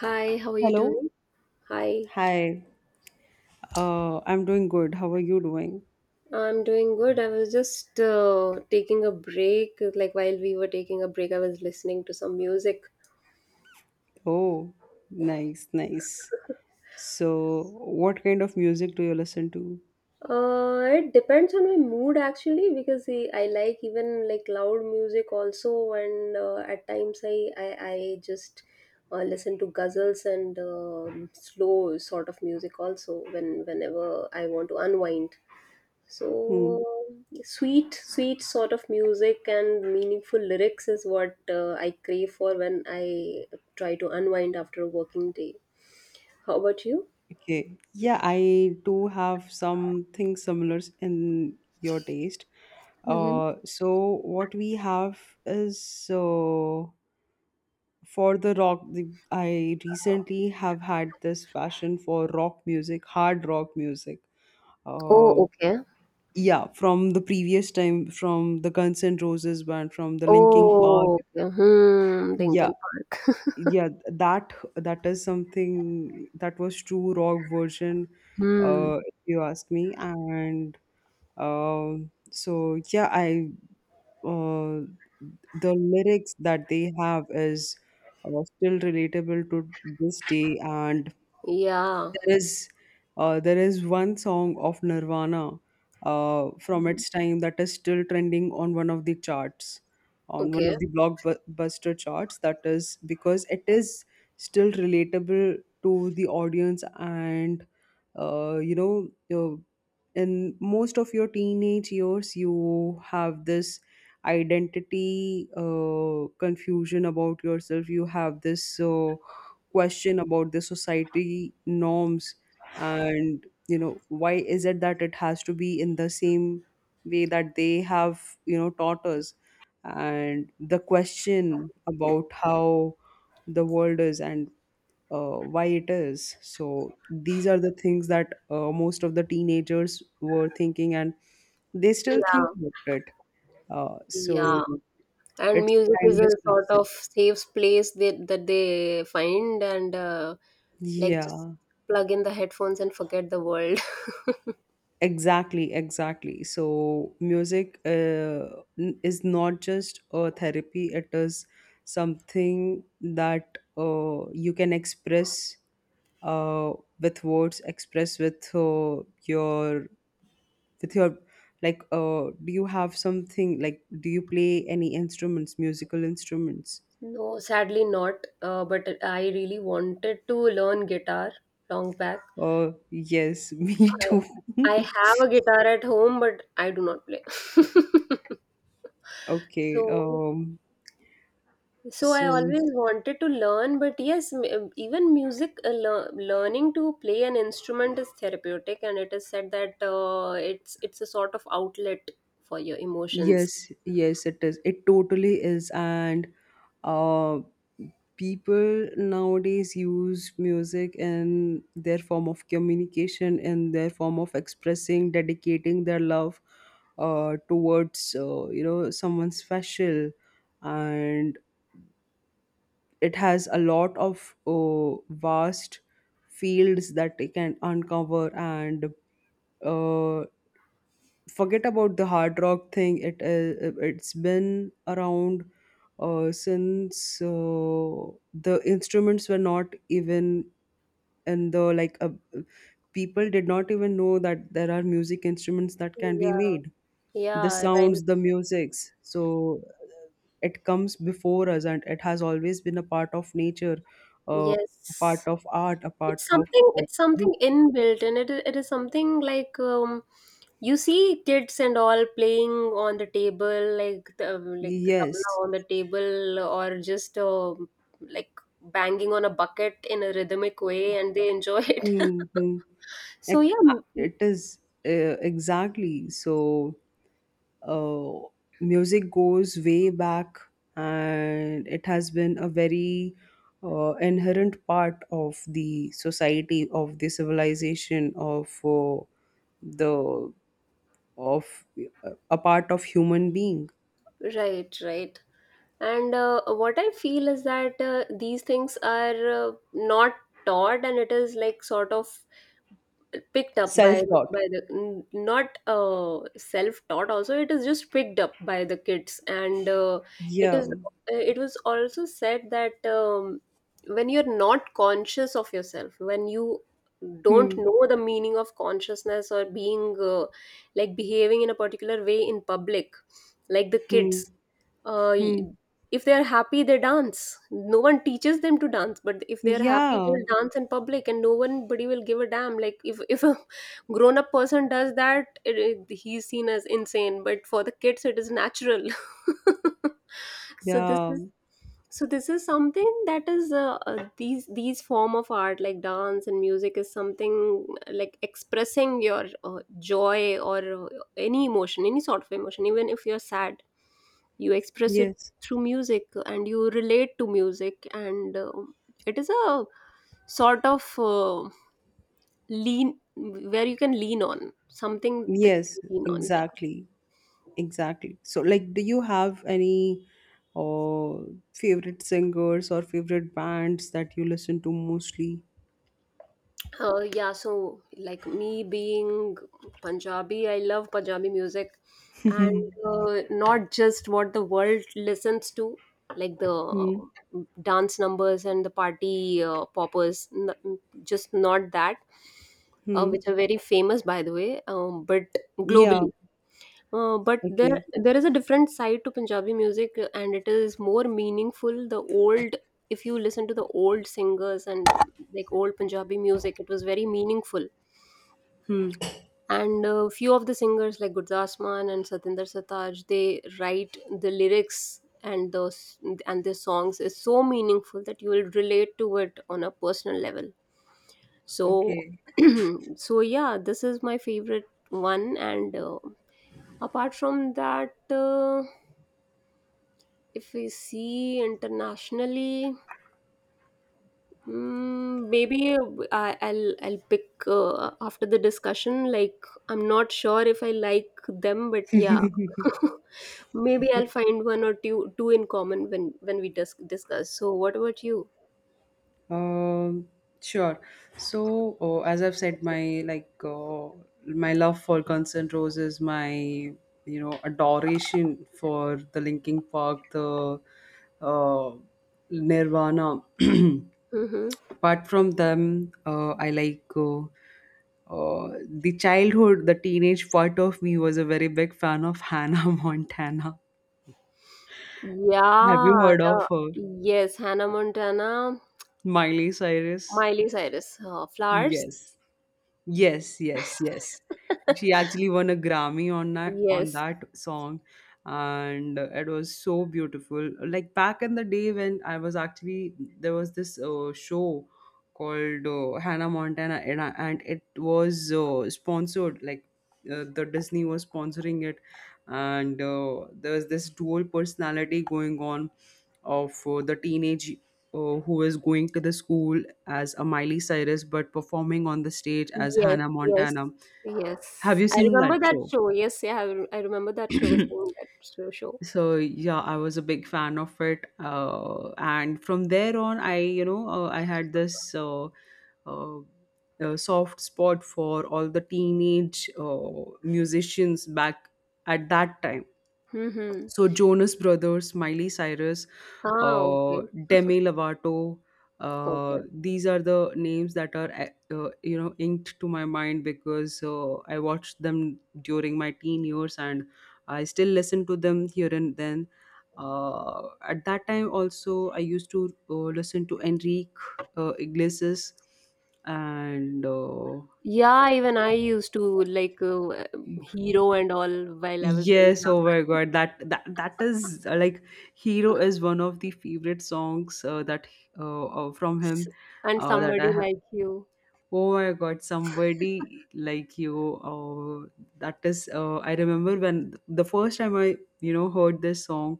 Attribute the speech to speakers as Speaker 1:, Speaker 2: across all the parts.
Speaker 1: Hi, how are you
Speaker 2: Hello.
Speaker 1: doing? Hi,
Speaker 2: Hi, I'm doing good. How are you doing?
Speaker 1: I'm doing good. I was just taking a break. Like while we were taking a break, I was listening to some music.
Speaker 2: Oh, nice, nice. So, what kind of music do you listen to?
Speaker 1: It depends on my mood actually because I like even like loud music also, and at times I just listen to ghazals and slow sort of music also whenever I want to unwind. So
Speaker 2: Hmm.
Speaker 1: sweet, sweet sort of music and meaningful lyrics is what I crave for when I try to unwind after a working day. How about you?
Speaker 2: Okay, yeah, I do have something similar in your taste.
Speaker 1: Hmm.
Speaker 2: So what we have is uh, for the rock. I recently have had this passion for rock music, hard rock music.
Speaker 1: Oh,
Speaker 2: Uh,
Speaker 1: okay.
Speaker 2: Yeah, from the previous time, from the Guns N' Roses band, from the Linking Park.
Speaker 1: Oh, okay. Hmm.
Speaker 2: Yeah,
Speaker 1: Linkin Park.
Speaker 2: yeah, that is something that was true rock version,
Speaker 1: Hmm.
Speaker 2: if you ask me. And so yeah, I uh, the lyrics that they have is uh, still relatable to this day, and
Speaker 1: Yeah.
Speaker 2: there is there is one song of Nirvana from
Speaker 1: Mhm.
Speaker 2: its time that is still trending on one of the charts, on one
Speaker 1: Okay.
Speaker 2: of the blockbuster charts. That is because it is still relatable to the audience, and uh, you know, uh, in most of your teenage years, you have this identity confusion about yourself. You have this question about the society norms, and you know, why is it that it has to be in the same way that they have, you know, taught us, and the question about how the world is, and why it is so. These are the things that most of the teenagers were thinking, and they still
Speaker 1: Yeah.
Speaker 2: think about it. So
Speaker 1: Yeah. And
Speaker 2: it's a
Speaker 1: music is a
Speaker 2: timeless
Speaker 1: sort
Speaker 2: classic,
Speaker 1: of safe place that they find, and like just
Speaker 2: yeah.
Speaker 1: plug in the headphones and forget the world.
Speaker 2: Exactly, exactly. So music, is not just a therapy, it is something that you can express uh, with words, express with your with your, like do you have something, like, do you play any instruments, musical instruments?
Speaker 1: No, sadly not. But I really wanted to learn guitar long back.
Speaker 2: Oh, yes, me too.
Speaker 1: I have a guitar at home, but I do not play.
Speaker 2: Okay,
Speaker 1: So, I
Speaker 2: so
Speaker 1: always wanted to learn, but yes, even music, learning to play an instrument is therapeutic, and it is said that it's a sort of outlet for your emotions.
Speaker 2: yes, yes, it is. It totally is. And uh, people nowadays use music in their form of communication, in their form of expressing, dedicating their love towards, you know, someone special. And it has a lot of vast fields that it can uncover, and uh, forget about the hard rock thing, it it's been around since the instruments were not even in the, like people did not even know that there are music instruments that can be
Speaker 1: Yeah,
Speaker 2: made, the
Speaker 1: yeah, right.
Speaker 2: sounds, the musics. So it comes before us, and it has always been a part of nature, uh, a part
Speaker 1: Yes.
Speaker 2: of art, a part
Speaker 1: It's
Speaker 2: of
Speaker 1: something
Speaker 2: uh,
Speaker 1: it's something
Speaker 2: you,
Speaker 1: inbuilt, and it is something like you see kids and all playing on the table, like the, tabla
Speaker 2: yes.
Speaker 1: on the table, or just like banging on a bucket in a rhythmic way and they enjoy it.
Speaker 2: Hmm.
Speaker 1: So yeah,
Speaker 2: Ec- it is, exactly so. Uh, Music goes way back, and it has been a very inherent part of the society, of the civilization, of the of a part of human being.
Speaker 1: right, right. And what I feel is that these things are not taught, and it is like sort of picked up by,
Speaker 2: Self taught.
Speaker 1: not self taught. Also it is just picked up by the kids, and it
Speaker 2: Yeah.
Speaker 1: is it was also said that when you're not conscious of yourself, when you don't
Speaker 2: Hmm.
Speaker 1: know the meaning of consciousness or being, like behaving in a particular way in public, like the
Speaker 2: Hmm.
Speaker 1: kids, uh, y-
Speaker 2: Hmm.
Speaker 1: if they are happy they dance, no one teaches them to dance, but if they are happy they
Speaker 2: Yeah.
Speaker 1: will dance in public, and no one nobody will give a damn. Like if a grown up person does that, he's seen as insane, but for the kids it is natural. so this
Speaker 2: Yeah.
Speaker 1: is so this is something that is, these form of art like dance and music is something, like expressing your joy or, any emotion, any sort of emotion, even if you're sad you express it
Speaker 2: Yes.
Speaker 1: through music and you relate to music, and it is a sort of lean, where you can lean on something that you
Speaker 2: Yes.
Speaker 1: can lean on.
Speaker 2: Exactly. Exactly. So, like, do you have any uh, favorite singers or favorite bands that you listen to mostly?
Speaker 1: Yeah, yeah so like me being Punjabi I love Punjabi music, and not just what the world listens to, like the
Speaker 2: Hmm.
Speaker 1: dance numbers and the party poppers, just not that,
Speaker 2: Hmm.
Speaker 1: which are very famous, by the way, but
Speaker 2: Yeah.
Speaker 1: globally. But there
Speaker 2: Okay.
Speaker 1: there is a different side to Punjabi music, and it is more meaningful. The old, if you listen to the old singers and like old Punjabi music, it was very meaningful. And few of the singers like Gurdas Mann and Satinder Sartaaj, they write the lyrics, and those and their songs is so meaningful that you will relate to it on a personal level. So
Speaker 2: Okay.
Speaker 1: so yeah, this is my favorite one. And apart from that, if we see internationally, maybe I'll pick after the discussion. Like I'm not sure if I like them, but yeah. Maybe I'll find one or two in common when discuss. So what about you?
Speaker 2: Um, sure. So, as I've said, my, like, my love for Guns N' Roses, my, you know, adoration for the Linkin Park, the uh, Nirvana.
Speaker 1: Hmm.
Speaker 2: Apart from them, I like the childhood, the teenage part of me was a very big fan of Hannah Montana. Have
Speaker 1: Yeah,
Speaker 2: you heard of
Speaker 1: the,
Speaker 2: her?
Speaker 1: yes, Hannah Montana.
Speaker 2: Miley Cyrus?
Speaker 1: Miley Cyrus, Flowers.
Speaker 2: Yes. Yes, yes, yes. She actually won a Grammy on that on
Speaker 1: Yes,
Speaker 2: that song, and it was so beautiful. Like, back in the day when I was, actually, there was this show called Hannah Montana, and, I- and it was sponsored, like the Disney was sponsoring it, and there was this dual personality going on of the teenage who is going to the school as a Miley Cyrus but performing on the stage as
Speaker 1: yes,
Speaker 2: Hannah
Speaker 1: yes,
Speaker 2: Montana. Have
Speaker 1: yes.
Speaker 2: you
Speaker 1: I
Speaker 2: seen that
Speaker 1: remember that
Speaker 2: show?
Speaker 1: show. Yes, yeah, I remember that show, seeing that show.
Speaker 2: So yeah, I was a big fan of it, and from there on I, you know, I had this uh, soft spot for all the teenage musicians back at that time.
Speaker 1: Mm-hmm.
Speaker 2: So Jonas Brothers, Miley Cyrus,
Speaker 1: Ah,
Speaker 2: uh,
Speaker 1: okay,
Speaker 2: Demi Lovato,
Speaker 1: okay.
Speaker 2: these are the names that are you know, inked to my mind because I watched them during my teen years, and I still listen to them here and then. At that time also, I used to listen to Enrique Iglesias and
Speaker 1: Yeah, even I used to like Hero and all while I was very
Speaker 2: yes,
Speaker 1: young.
Speaker 2: oh my God, that is, like, "Hero" is one of the favorite songs that from
Speaker 1: S-
Speaker 2: him
Speaker 1: And
Speaker 2: that I
Speaker 1: somebody
Speaker 2: have.
Speaker 1: like you.
Speaker 2: Oh my God, somebody like you. That is, I remember when the first time I, you know, heard this song,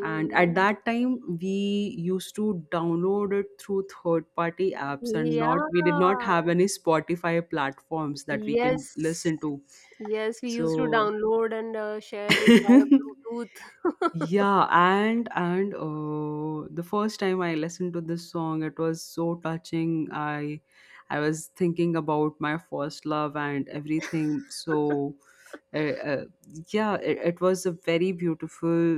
Speaker 2: and at that time we used to download it through third-party apps, and
Speaker 1: Yeah.
Speaker 2: not we did not have any Spotify platforms that we can
Speaker 1: Yes,
Speaker 2: listen to.
Speaker 1: yes, we used to
Speaker 2: So.
Speaker 1: download and share it via Bluetooth.
Speaker 2: Yeah, and the first time I listened to this song, it was so touching. I was thinking about my first love and everything. So uh, uh, yeah, it was a very beautiful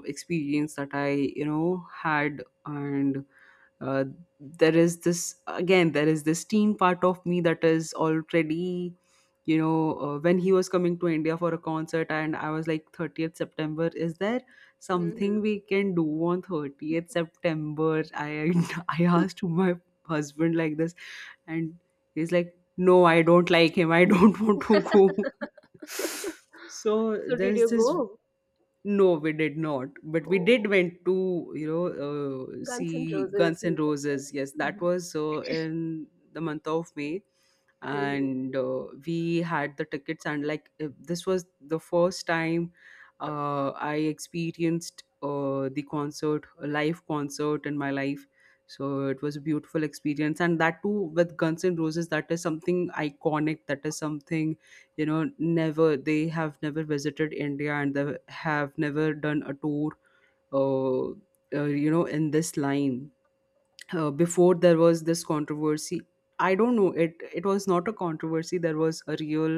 Speaker 2: experience that I, you know, had, and uh, there is this, again, there is this teen part of me that is already, you know, when he was coming to India for a concert, and I was like, 30th September, is there something
Speaker 1: Mhm.
Speaker 2: we can do on 30th September? I I asked to my husband like this, and he's like, no, I don't like him, I don't want to go. So
Speaker 1: So did
Speaker 2: there's
Speaker 1: you
Speaker 2: this,
Speaker 1: go?
Speaker 2: no, we did not. But we
Speaker 1: Oh,
Speaker 2: did went to, you know,
Speaker 1: Guns N'
Speaker 2: see
Speaker 1: Roses.
Speaker 2: Guns N'
Speaker 1: You said.
Speaker 2: Roses. Yes, that
Speaker 1: Mhm.
Speaker 2: was in the month of May,
Speaker 1: Mhm.
Speaker 2: and we had the tickets, and, like, this was the first time I experienced the concert, a live concert, in my life. So it was a beautiful experience, and that too with Guns N' Roses, that is something iconic, that is something, you know, never, they have never visited India, and they have never done a tour uh, you know, in this line before. There was this controversy, I don't know, it was not a controversy, there was a real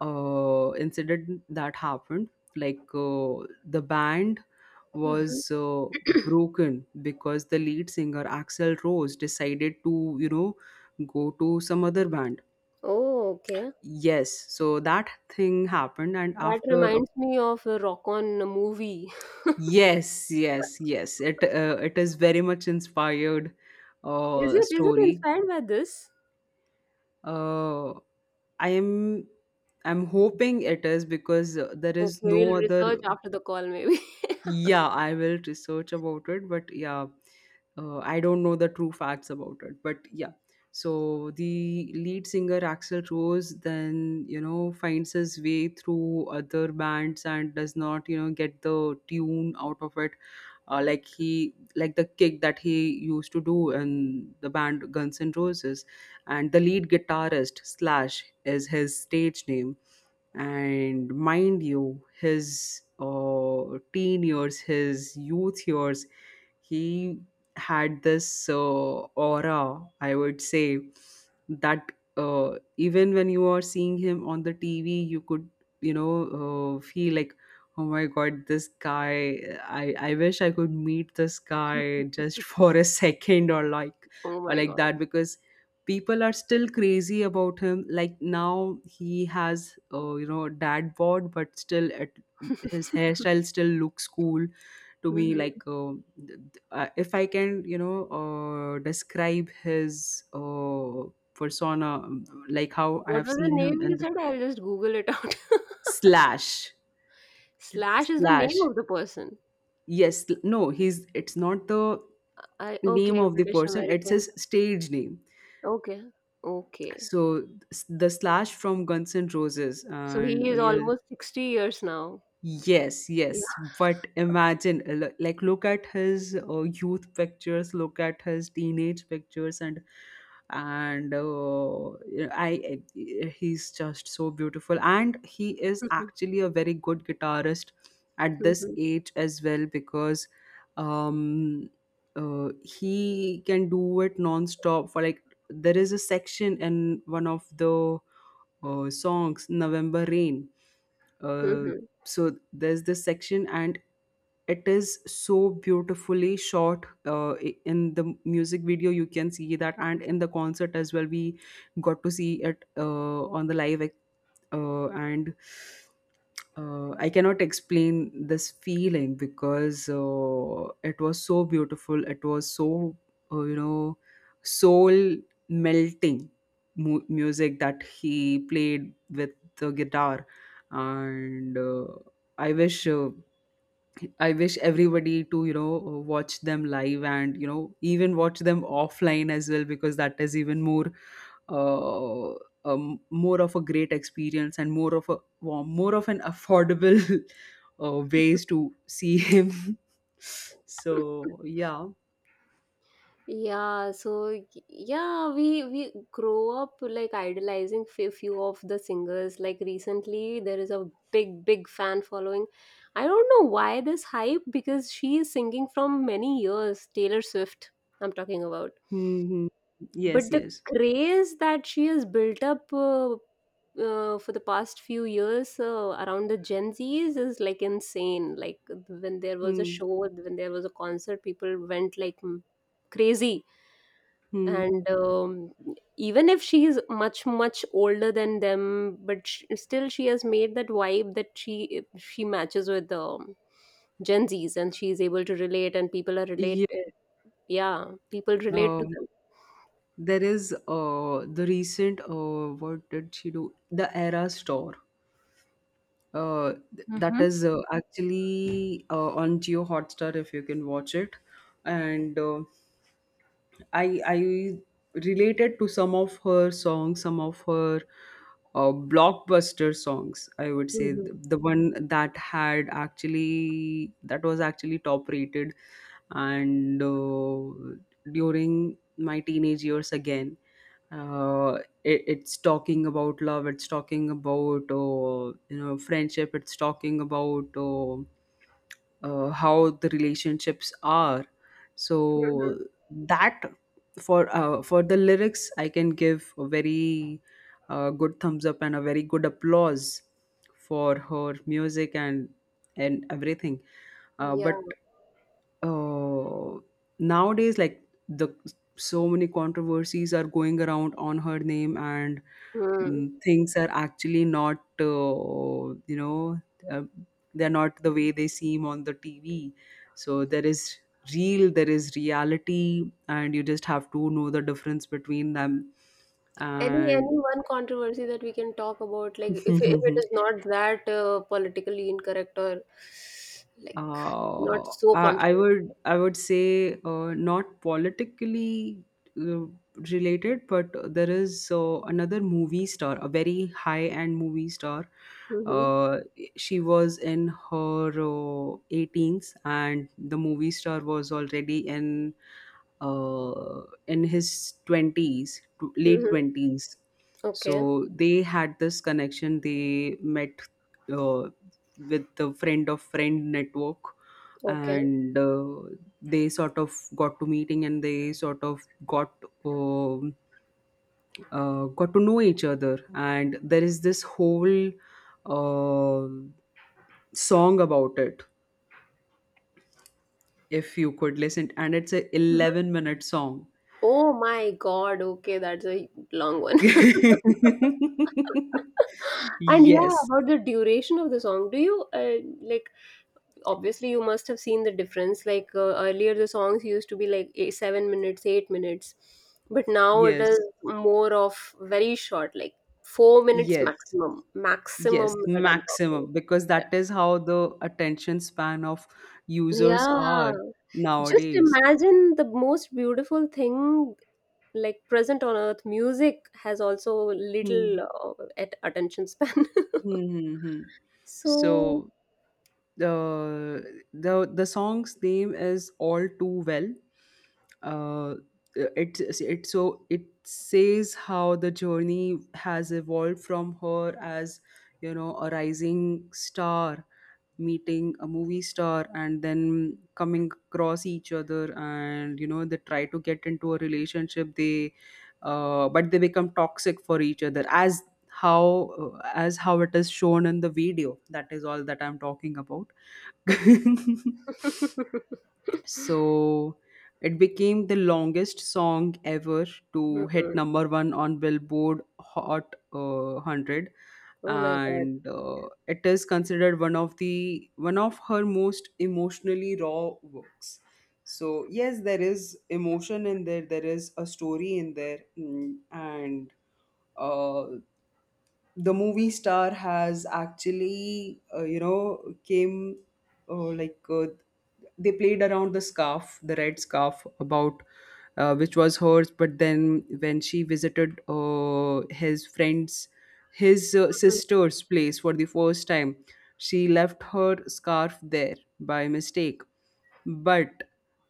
Speaker 2: incident that happened, like the band was
Speaker 1: Mhm.
Speaker 2: broken because the lead singer Axel Rose decided to, you know, go to some other band.
Speaker 1: Oh, okay.
Speaker 2: Yes. So that thing happened, and
Speaker 1: That
Speaker 2: after a
Speaker 1: reminds me of the Rock On movie.
Speaker 2: yes, yes, yes, it it is very much inspired
Speaker 1: Is it
Speaker 2: story.
Speaker 1: inspired by this?
Speaker 2: uh, I am, I'm hoping it is, because there
Speaker 1: Okay,
Speaker 2: is
Speaker 1: we'll
Speaker 2: no other.
Speaker 1: research after the call maybe.
Speaker 2: Yeah, I will research about it, but yeah, I don't know the true facts about it. But yeah, so the lead singer Axel Rose then, you know, finds his way through other bands, and does not, you know, get the tune out of it. Like, he like the kick that he used to do in the band Guns N' Roses, and the lead guitarist Slash is his stage name, and mind you, his teen years, his youth years, he had this aura, I would say, that even when you are seeing him on the TV, you could, you know, feel like, oh my god, this guy, I wish I could meet this guy just for a second,
Speaker 1: Oh
Speaker 2: or
Speaker 1: my
Speaker 2: like
Speaker 1: God.
Speaker 2: that, because people are still crazy about him. Like, now he has, you know, dad bod, but still, at his hairstyle still looks cool to me,
Speaker 1: Mhm.
Speaker 2: like if I can, you know, describe his uh, persona, like how I
Speaker 1: What
Speaker 2: have
Speaker 1: was the
Speaker 2: seen
Speaker 1: name
Speaker 2: him in
Speaker 1: you
Speaker 2: the
Speaker 1: said? I'll just Google it out.
Speaker 2: slash,
Speaker 1: Slash is the name
Speaker 2: slash,
Speaker 1: of the person.
Speaker 2: yes, sl- no, he's, it's not the
Speaker 1: I
Speaker 2: name
Speaker 1: Okay,
Speaker 2: of the
Speaker 1: British
Speaker 2: person, it's
Speaker 1: American.
Speaker 2: his stage name.
Speaker 1: Okay. Okay.
Speaker 2: So the Slash from Guns N' Roses,
Speaker 1: So
Speaker 2: and
Speaker 1: he is
Speaker 2: you'll
Speaker 1: almost 60 years now.
Speaker 2: yes, yes.
Speaker 1: Yeah.
Speaker 2: But imagine, like, look at his youth pictures, look at his teenage pictures, and he's just so beautiful, and he is actually a very good guitarist at this age as well, because um, he can do it non-stop for, like, there is a section in one of the songs, November Rain, uh, so there's this section, and it is so beautifully shot, in the music video you can see that, and in the concert as well we got to see it on the live, and I cannot explain this feeling, because it was so beautiful. It was so, you know, soul melting music that he played with the guitar. And I wish, I wish everybody to, you know, watch them live, and, you know, even watch them offline as well, because that is even more, uh, more of a great experience, and more of a more of an affordable ways to see him. So yeah,
Speaker 1: Yeah, so we grow up like idolizing f few of the singers. Like recently, there is a big big fan following. I don't know why this hype, because she is singing from many years. Taylor Swift, I'm talking about.
Speaker 2: hmm, yes,
Speaker 1: But the
Speaker 2: yes,
Speaker 1: craze that she has built up, for the past few years around the Gen Zs is like insane. Like when there was a
Speaker 2: hmm,
Speaker 1: show, when there was a concert, people went like crazy.
Speaker 2: hmm,
Speaker 1: And even if she is much much older than them, but still she has made that vibe that she matches with Gen Zs, and she is able to relate, and people are
Speaker 2: yeah.
Speaker 1: related. Yeah, people relate to
Speaker 2: Um,
Speaker 1: them.
Speaker 2: there is the recent, what did she do? The Era Store. That is actually on Geo Hotstar if you can watch it, and I related to some of her songs, some of her blockbuster songs. I would say the,
Speaker 1: Mhm.
Speaker 2: the one that had actually, that was actually top rated, and during my teenage years again, uh, it's talking about love, it's talking about friendship, it's talking about how the relationships are.
Speaker 1: Mhm.
Speaker 2: So that, for the lyrics, I can give a very good thumbs up and a very good applause for her music and everything.
Speaker 1: Yeah.
Speaker 2: But uh, nowadays, like, the so many controversies are going around on her name. And
Speaker 1: Hmm.
Speaker 2: things are actually not, uh, they're not the way they seem on the TV. So there is real, there is reality, and you just have to know the difference between them.
Speaker 1: Any
Speaker 2: And
Speaker 1: one controversy that we can talk about, like if it is not that politically incorrect, or like not
Speaker 2: uh,
Speaker 1: so
Speaker 2: I, I
Speaker 1: controversial.
Speaker 2: would, I would say not politically uh, related, but there is another movie star, a very high end movie star.
Speaker 1: Mm-hmm.
Speaker 2: Uh, she was in her eighteens, and the movie star was already uh, in his 20s late
Speaker 1: Mm-hmm.
Speaker 2: 20s. So
Speaker 1: Okay.
Speaker 2: they had this connection, they met uh, with the friend of friend network,
Speaker 1: Okay.
Speaker 2: and they sort of got to meeting, and they sort of um got to know each other. And there is this whole uh, song about it, if you could listen, and it's a 11-minute song.
Speaker 1: Oh my God. Okay, that's a long one. And yeah,
Speaker 2: Yes,
Speaker 1: about the duration of the song, do you, like? Obviously, you must have seen the difference. Like earlier, the songs used to be like eight, 7 minutes, 8 minutes, but now it
Speaker 2: yes,
Speaker 1: is more of very short, like 4 minutes
Speaker 2: yes,
Speaker 1: maximum.
Speaker 2: yes,
Speaker 1: Maximum that I'm talking.
Speaker 2: maximum, because that is how the attention span of
Speaker 1: Yeah.
Speaker 2: users
Speaker 1: Yeah.
Speaker 2: are
Speaker 1: Just
Speaker 2: nowadays.
Speaker 1: imagine, the most beautiful thing like present on earth, music has also
Speaker 2: Hmm.
Speaker 1: little at attention span.
Speaker 2: Hmm, hmm, hmm.
Speaker 1: So.
Speaker 2: So the song's name is All Too Well. Uh, it so it says how the journey has evolved from her as, you know, a rising star, meeting a movie star, and then coming across each other, and, you know, they try to get into a relationship. They but they become toxic for each other, as how, as how it is shown in the video. That is all that I'm talking about. So it became the longest song ever to hit
Speaker 1: Mhm.
Speaker 2: number 1 on Billboard Hot 100.
Speaker 1: Oh my God.
Speaker 2: And it is considered one of her most emotionally raw works. So yes, there is emotion in there, there is a story in there. And uh, the movie star has actually, came uh, like uh, they played around the scarf, the red scarf, about which was hers. But then when she visited his friends, his sister's place for the first time, she left her scarf there by mistake. But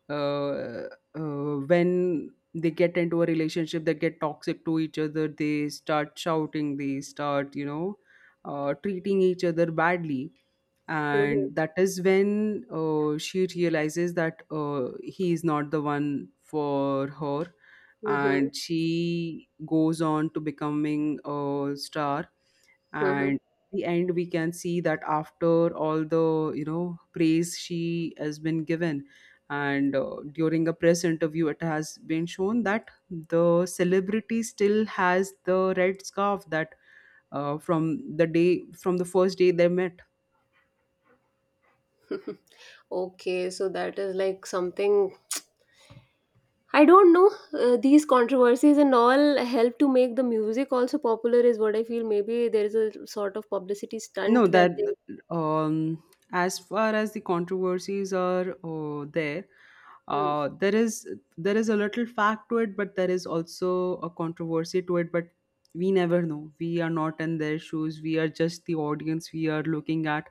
Speaker 2: uh, uh, when they get into a relationship, they get toxic to each other. They start shouting. They start, you know, treating each other badly.
Speaker 1: Mhm.
Speaker 2: And that is when she realizes that he is not the one for her,
Speaker 1: Mhm.
Speaker 2: and she goes on to becoming a star.
Speaker 1: Mhm.
Speaker 2: And the end, we can see that after all the, you know, praise she has been given. And during a press interview, it has been shown that the celebrity still has the red scarf that from the first day they met.
Speaker 1: Mhm. Okay, so that is like something, I don't know, these controversies and all help to make the music also popular is what I feel. Maybe there is a sort of publicity stunt
Speaker 2: No,
Speaker 1: that
Speaker 2: that
Speaker 1: they.
Speaker 2: um, as far as the controversies are there,
Speaker 1: Mhm.
Speaker 2: there is a little fact to it, but there is also a controversy to it. But we never know. We are not in their shoes. We are just the audience we are looking at,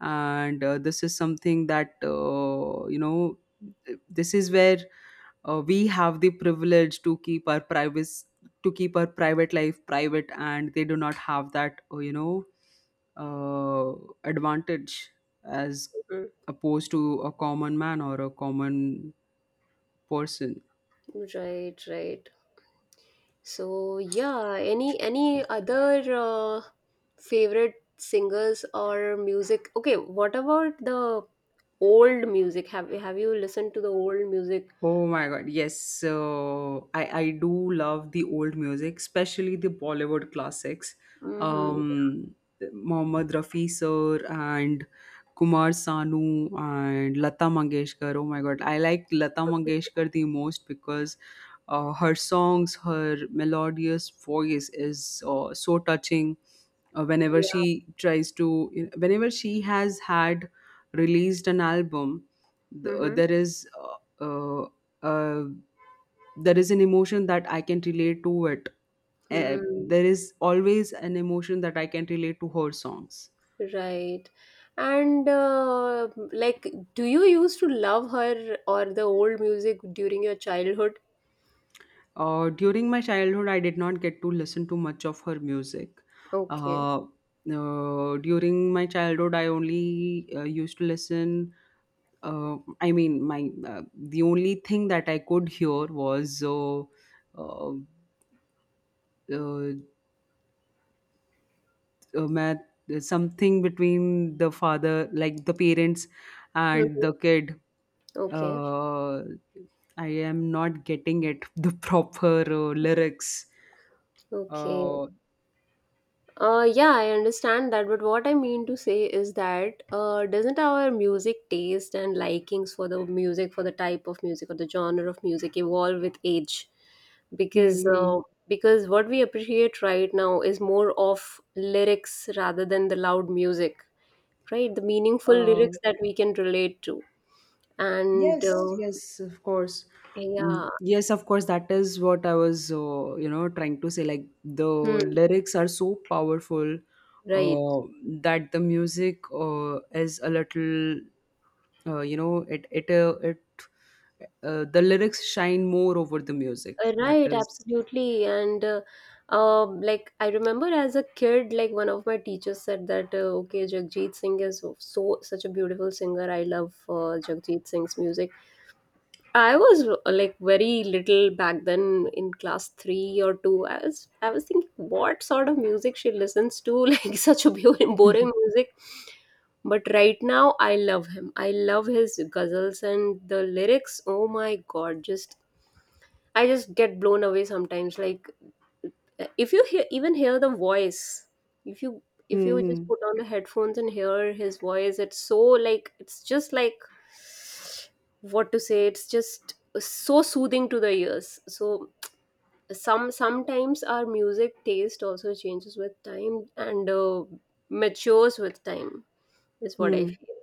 Speaker 2: and this is something that This is where we have the privilege to keep our privacy, to keep our private life private, and they do not have that. You know, uh, advantage as
Speaker 1: Mhm.
Speaker 2: opposed to a common man or a common person.
Speaker 1: Right, right. So yeah, any other favorite singers or music? Okay, what about the old music? Have you listened to the old music?
Speaker 2: Oh my God, yes. So I do love the old music, especially the Bollywood classics.
Speaker 1: Mm-hmm.
Speaker 2: Um, Mohammad Rafi sir and Kumar Sanu and Lata Mangeshkar. Oh my God, I like Lata Mangeshkar the most, because her songs, her melodious voice is so touching. Whenever
Speaker 1: Yeah.
Speaker 2: she tries to, whenever she has had released an album,
Speaker 1: Mm-hmm.
Speaker 2: there is. Uh, uh, there is an emotion that I can relate to it.
Speaker 1: Mm,
Speaker 2: There is always an emotion that I can relate to her songs.
Speaker 1: right. And like, do you used to love her or the old music during your childhood?
Speaker 2: During my childhood, I did not get to listen to much of her music.
Speaker 1: Okay.
Speaker 2: Uh, During my childhood, I only used to listen. I mean, my the only thing that I could hear was uh, uh, math, something between the father, like the parents and the
Speaker 1: Mm-hmm.
Speaker 2: kid.
Speaker 1: Okay.
Speaker 2: uh, I am not getting it the proper lyrics.
Speaker 1: Okay.
Speaker 2: uh,
Speaker 1: Yeah, I understand that, but what I mean to say is that doesn't our music taste and likings for the music, for the type of music or the genre of music, evolve with age? Because
Speaker 2: Hmm.
Speaker 1: uh, because what we appreciate right now is more of lyrics rather than the loud music, right? The meaningful
Speaker 2: Hmm.
Speaker 1: lyrics that we can relate to, and
Speaker 2: Yes, yes, of course.
Speaker 1: yeah.
Speaker 2: Yes, of course. That is what I was, trying to say. Like, the
Speaker 1: Hmm,
Speaker 2: lyrics are so powerful
Speaker 1: right.
Speaker 2: uh, that the music is a little, you know, it it the lyrics shine more over the music. That
Speaker 1: Right, absolutely. And like I remember as a kid, like one of my teachers said that, okay, Jagjit Singh is such a beautiful singer. I love Jagjit Singh's music. I was like very little back then, in class three or two. I was thinking what sort of music she listens to, like such a boring, boring music. But right now, I love him. I love his ghazals and the lyrics. Oh my God, just I just get blown away sometimes. Like if you hear, even hear the voice, if you if you just
Speaker 2: Mm-hmm.
Speaker 1: put on the headphones and hear his voice, it's so like, it's just like, what to say. It's just so soothing to the ears. So sometimes our music taste also changes with time and matures with time is what
Speaker 2: Hmm.
Speaker 1: I
Speaker 2: Hmm.
Speaker 1: feel.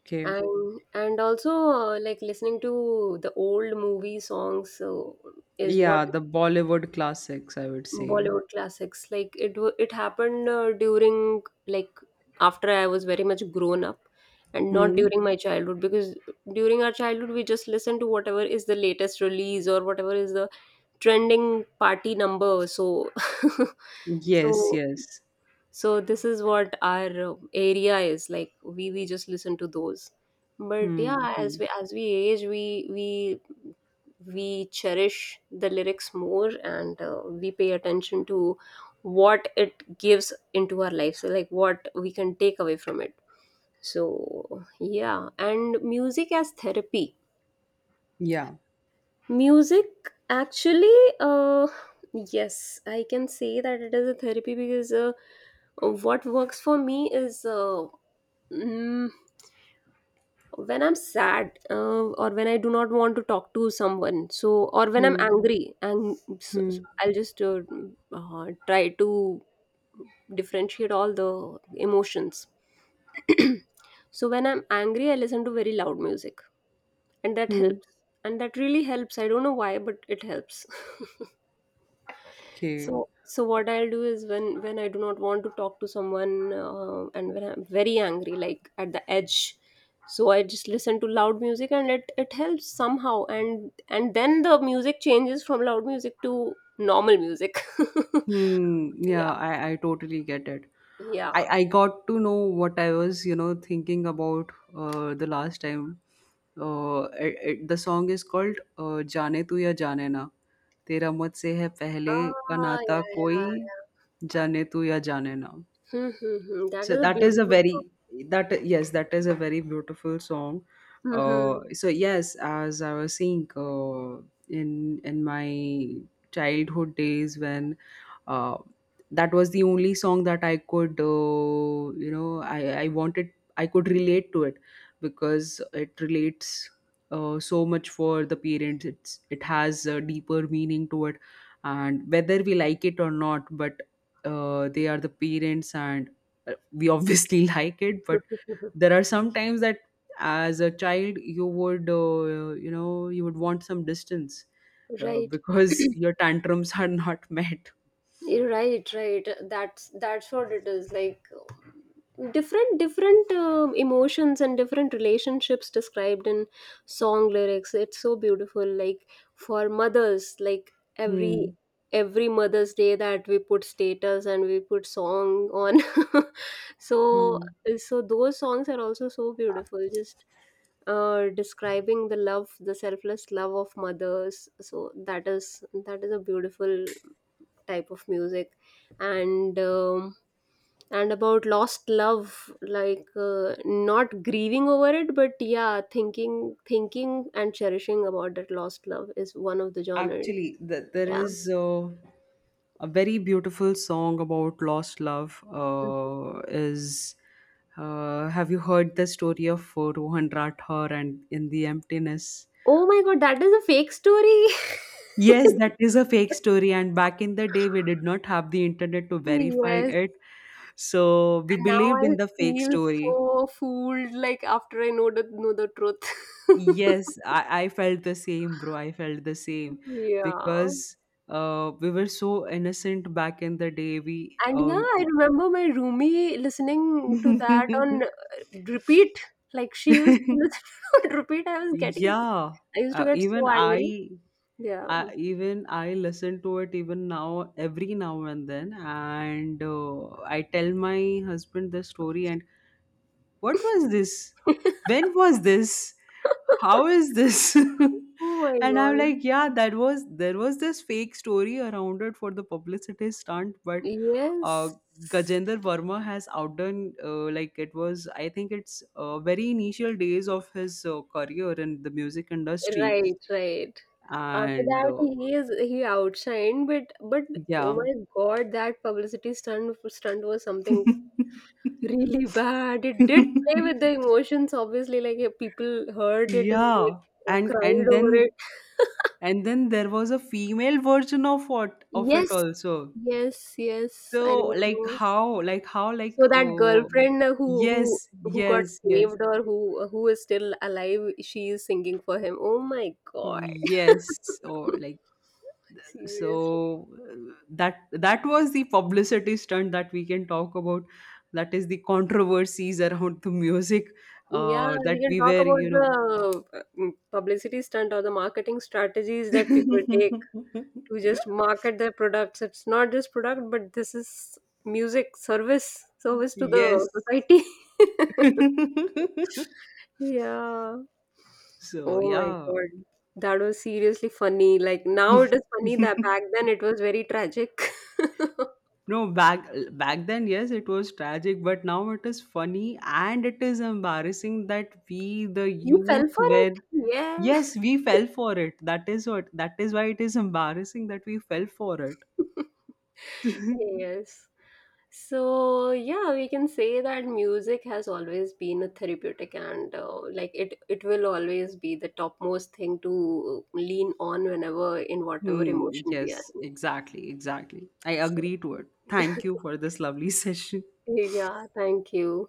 Speaker 2: Okay.
Speaker 1: And also, like listening to the old movie songs is what.
Speaker 2: Yeah, the Bollywood classics, I would say.
Speaker 1: Bollywood classics. Like it happened during, like, after I was very much grown up, and not
Speaker 2: Hmm.
Speaker 1: during my childhood, because during our childhood we just listen to whatever is the latest release or whatever is the trending party number. So,
Speaker 2: Yes.
Speaker 1: so
Speaker 2: Yes.
Speaker 1: this is what our area is like. We just listen to those. But
Speaker 2: Hmm.
Speaker 1: yeah,
Speaker 2: Hmm.
Speaker 1: as we age, we cherish the lyrics more, and we pay attention to what it gives into our life, so like what we can take away from it. So yeah, and music as therapy,
Speaker 2: Yeah.
Speaker 1: music actually, uh yes I can say that it is a therapy, because what works for me is, mm, when I'm sad, or when I do not want to talk to someone, so, or when I'm
Speaker 2: Hmm.
Speaker 1: angry, and
Speaker 2: Hmm.
Speaker 1: I'll just try to differentiate all the emotions. So when I'm angry I listen to very loud music, and that
Speaker 2: Hmm.
Speaker 1: helps, and that really helps. I don't know why, but it helps.
Speaker 2: Okay.
Speaker 1: So, what I'll do is when I do not want to talk to someone, and when I'm very angry, like at the edge, so I just listen to loud music and it helps somehow. And then the music changes from loud music to normal music.
Speaker 2: Hmm.
Speaker 1: Yeah,
Speaker 2: Yeah, I totally get it.
Speaker 1: yeah.
Speaker 2: I got to know what I was, you know, thinking about the last time. The song is called "जाने तू या जाने ना तेरा मुझसे है पहले का
Speaker 1: Ah,
Speaker 2: नाता
Speaker 1: yeah,
Speaker 2: कोई
Speaker 1: yeah.
Speaker 2: जाने तू या जाने ना."
Speaker 1: Hmm, hmm, hmm. That
Speaker 2: So
Speaker 1: is a
Speaker 2: that is a
Speaker 1: beautiful.
Speaker 2: very, that, yes, that is a very beautiful song.
Speaker 1: Hmm,
Speaker 2: So yes, as I was saying, in in my childhood days when uh, that was the only song that I could, I wanted, I could relate to it, because it relates so much for the parents. It's, it has a deeper meaning to it. And whether we like it or not, but they are the parents, and we obviously like it. But
Speaker 1: hmm.
Speaker 2: there are some times that as a child you would, you would want some distance
Speaker 1: Right.
Speaker 2: because your tantrums are not met.
Speaker 1: Right, right, that's what it is, like different different emotions and different relationships described in song lyrics, it's so beautiful, like for mothers, like every
Speaker 2: Hmm.
Speaker 1: every mother's day that we put status and we put song on. so
Speaker 2: Hmm.
Speaker 1: so those songs are also so beautiful, just describing the love, the selfless love of mothers, so that is a beautiful type of music. And and about lost love, like not grieving over it but yeah, thinking and cherishing about that lost love, is one of the genres.
Speaker 2: Actually, there
Speaker 1: Yeah.
Speaker 2: is a very beautiful song about lost love.
Speaker 1: Mhm.
Speaker 2: Is have you heard the story of Rohan Rathore and In the Emptiness?
Speaker 1: Oh my God, that is a fake story.
Speaker 2: Yes, that is a fake story. And back in the day, we did not have the internet to verify
Speaker 1: Yes,
Speaker 2: it, so we
Speaker 1: and now
Speaker 2: believed
Speaker 1: I
Speaker 2: in the fake
Speaker 1: feel so
Speaker 2: story.
Speaker 1: fooled, like after I know the truth.
Speaker 2: Yes, I felt the same, bro. I felt the same
Speaker 1: Yeah.
Speaker 2: because we were so innocent back in the day. We,
Speaker 1: And yeah, I remember my roomie listening to that on, repeat. Like she used to listen on repeat.
Speaker 2: yeah,
Speaker 1: I used to
Speaker 2: uh,
Speaker 1: get
Speaker 2: even
Speaker 1: so angry.
Speaker 2: I,
Speaker 1: Yeah.
Speaker 2: I, even I listen to it even now, every now and then, and I tell my husband the story, and what was this? When was this? How is this?
Speaker 1: Oh my
Speaker 2: And I'm like,
Speaker 1: God.
Speaker 2: yeah, that was, there was this fake story around it for the publicity stunt, but uh,
Speaker 1: Yes.
Speaker 2: Gajendra Verma has outdone, like it was, I think it's very initial days of his career in the music industry,
Speaker 1: Right, right. After
Speaker 2: and
Speaker 1: that, he outshined, but oh
Speaker 2: yeah.
Speaker 1: my God, that publicity stunt was something. Really bad. It did play with the emotions, obviously. Like, yeah, people heard it and they
Speaker 2: Yeah. and
Speaker 1: cried
Speaker 2: and
Speaker 1: over
Speaker 2: then
Speaker 1: it.
Speaker 2: and then there was a female version of what of it
Speaker 1: Yes,
Speaker 2: also.
Speaker 1: yes, yes. I
Speaker 2: So like
Speaker 1: remember.
Speaker 2: how, like how, like,
Speaker 1: So that
Speaker 2: oh
Speaker 1: girlfriend,
Speaker 2: yes,
Speaker 1: who got saved, or who, who is still alive, she is singing for him. Oh my God.
Speaker 2: yes, or like
Speaker 1: Seriously.
Speaker 2: so that, that was the publicity stunt that we can talk about. That is the controversies around the music
Speaker 1: Yeah,
Speaker 2: that
Speaker 1: we can
Speaker 2: we
Speaker 1: talk
Speaker 2: were, you
Speaker 1: about
Speaker 2: know.
Speaker 1: the publicity stunt or the marketing strategies that people take to just market their products. It's not just product, but this is music, service to the
Speaker 2: Yes.
Speaker 1: society. Yeah.
Speaker 2: So
Speaker 1: Oh my
Speaker 2: yeah.
Speaker 1: God. That was seriously funny. Like now it is funny that back then it was very tragic.
Speaker 2: No, back then, yes, it was tragic, but now it is funny, and it is embarrassing that we, the
Speaker 1: We fell
Speaker 2: youth,
Speaker 1: for it.
Speaker 2: were.
Speaker 1: Yeah.
Speaker 2: Yes, we fell for it. That is what. That is why it is embarrassing that we fell for it.
Speaker 1: Yes. So yeah, we can say that music has always been a therapeutic, and like it will always be the topmost thing to lean on, whenever, in whatever
Speaker 2: Hmm,
Speaker 1: emotion we are
Speaker 2: yes,
Speaker 1: in.
Speaker 2: exactly, exactly. I
Speaker 1: So.
Speaker 2: agree to it. Thank you for this lovely session.
Speaker 1: Yeah, thank you.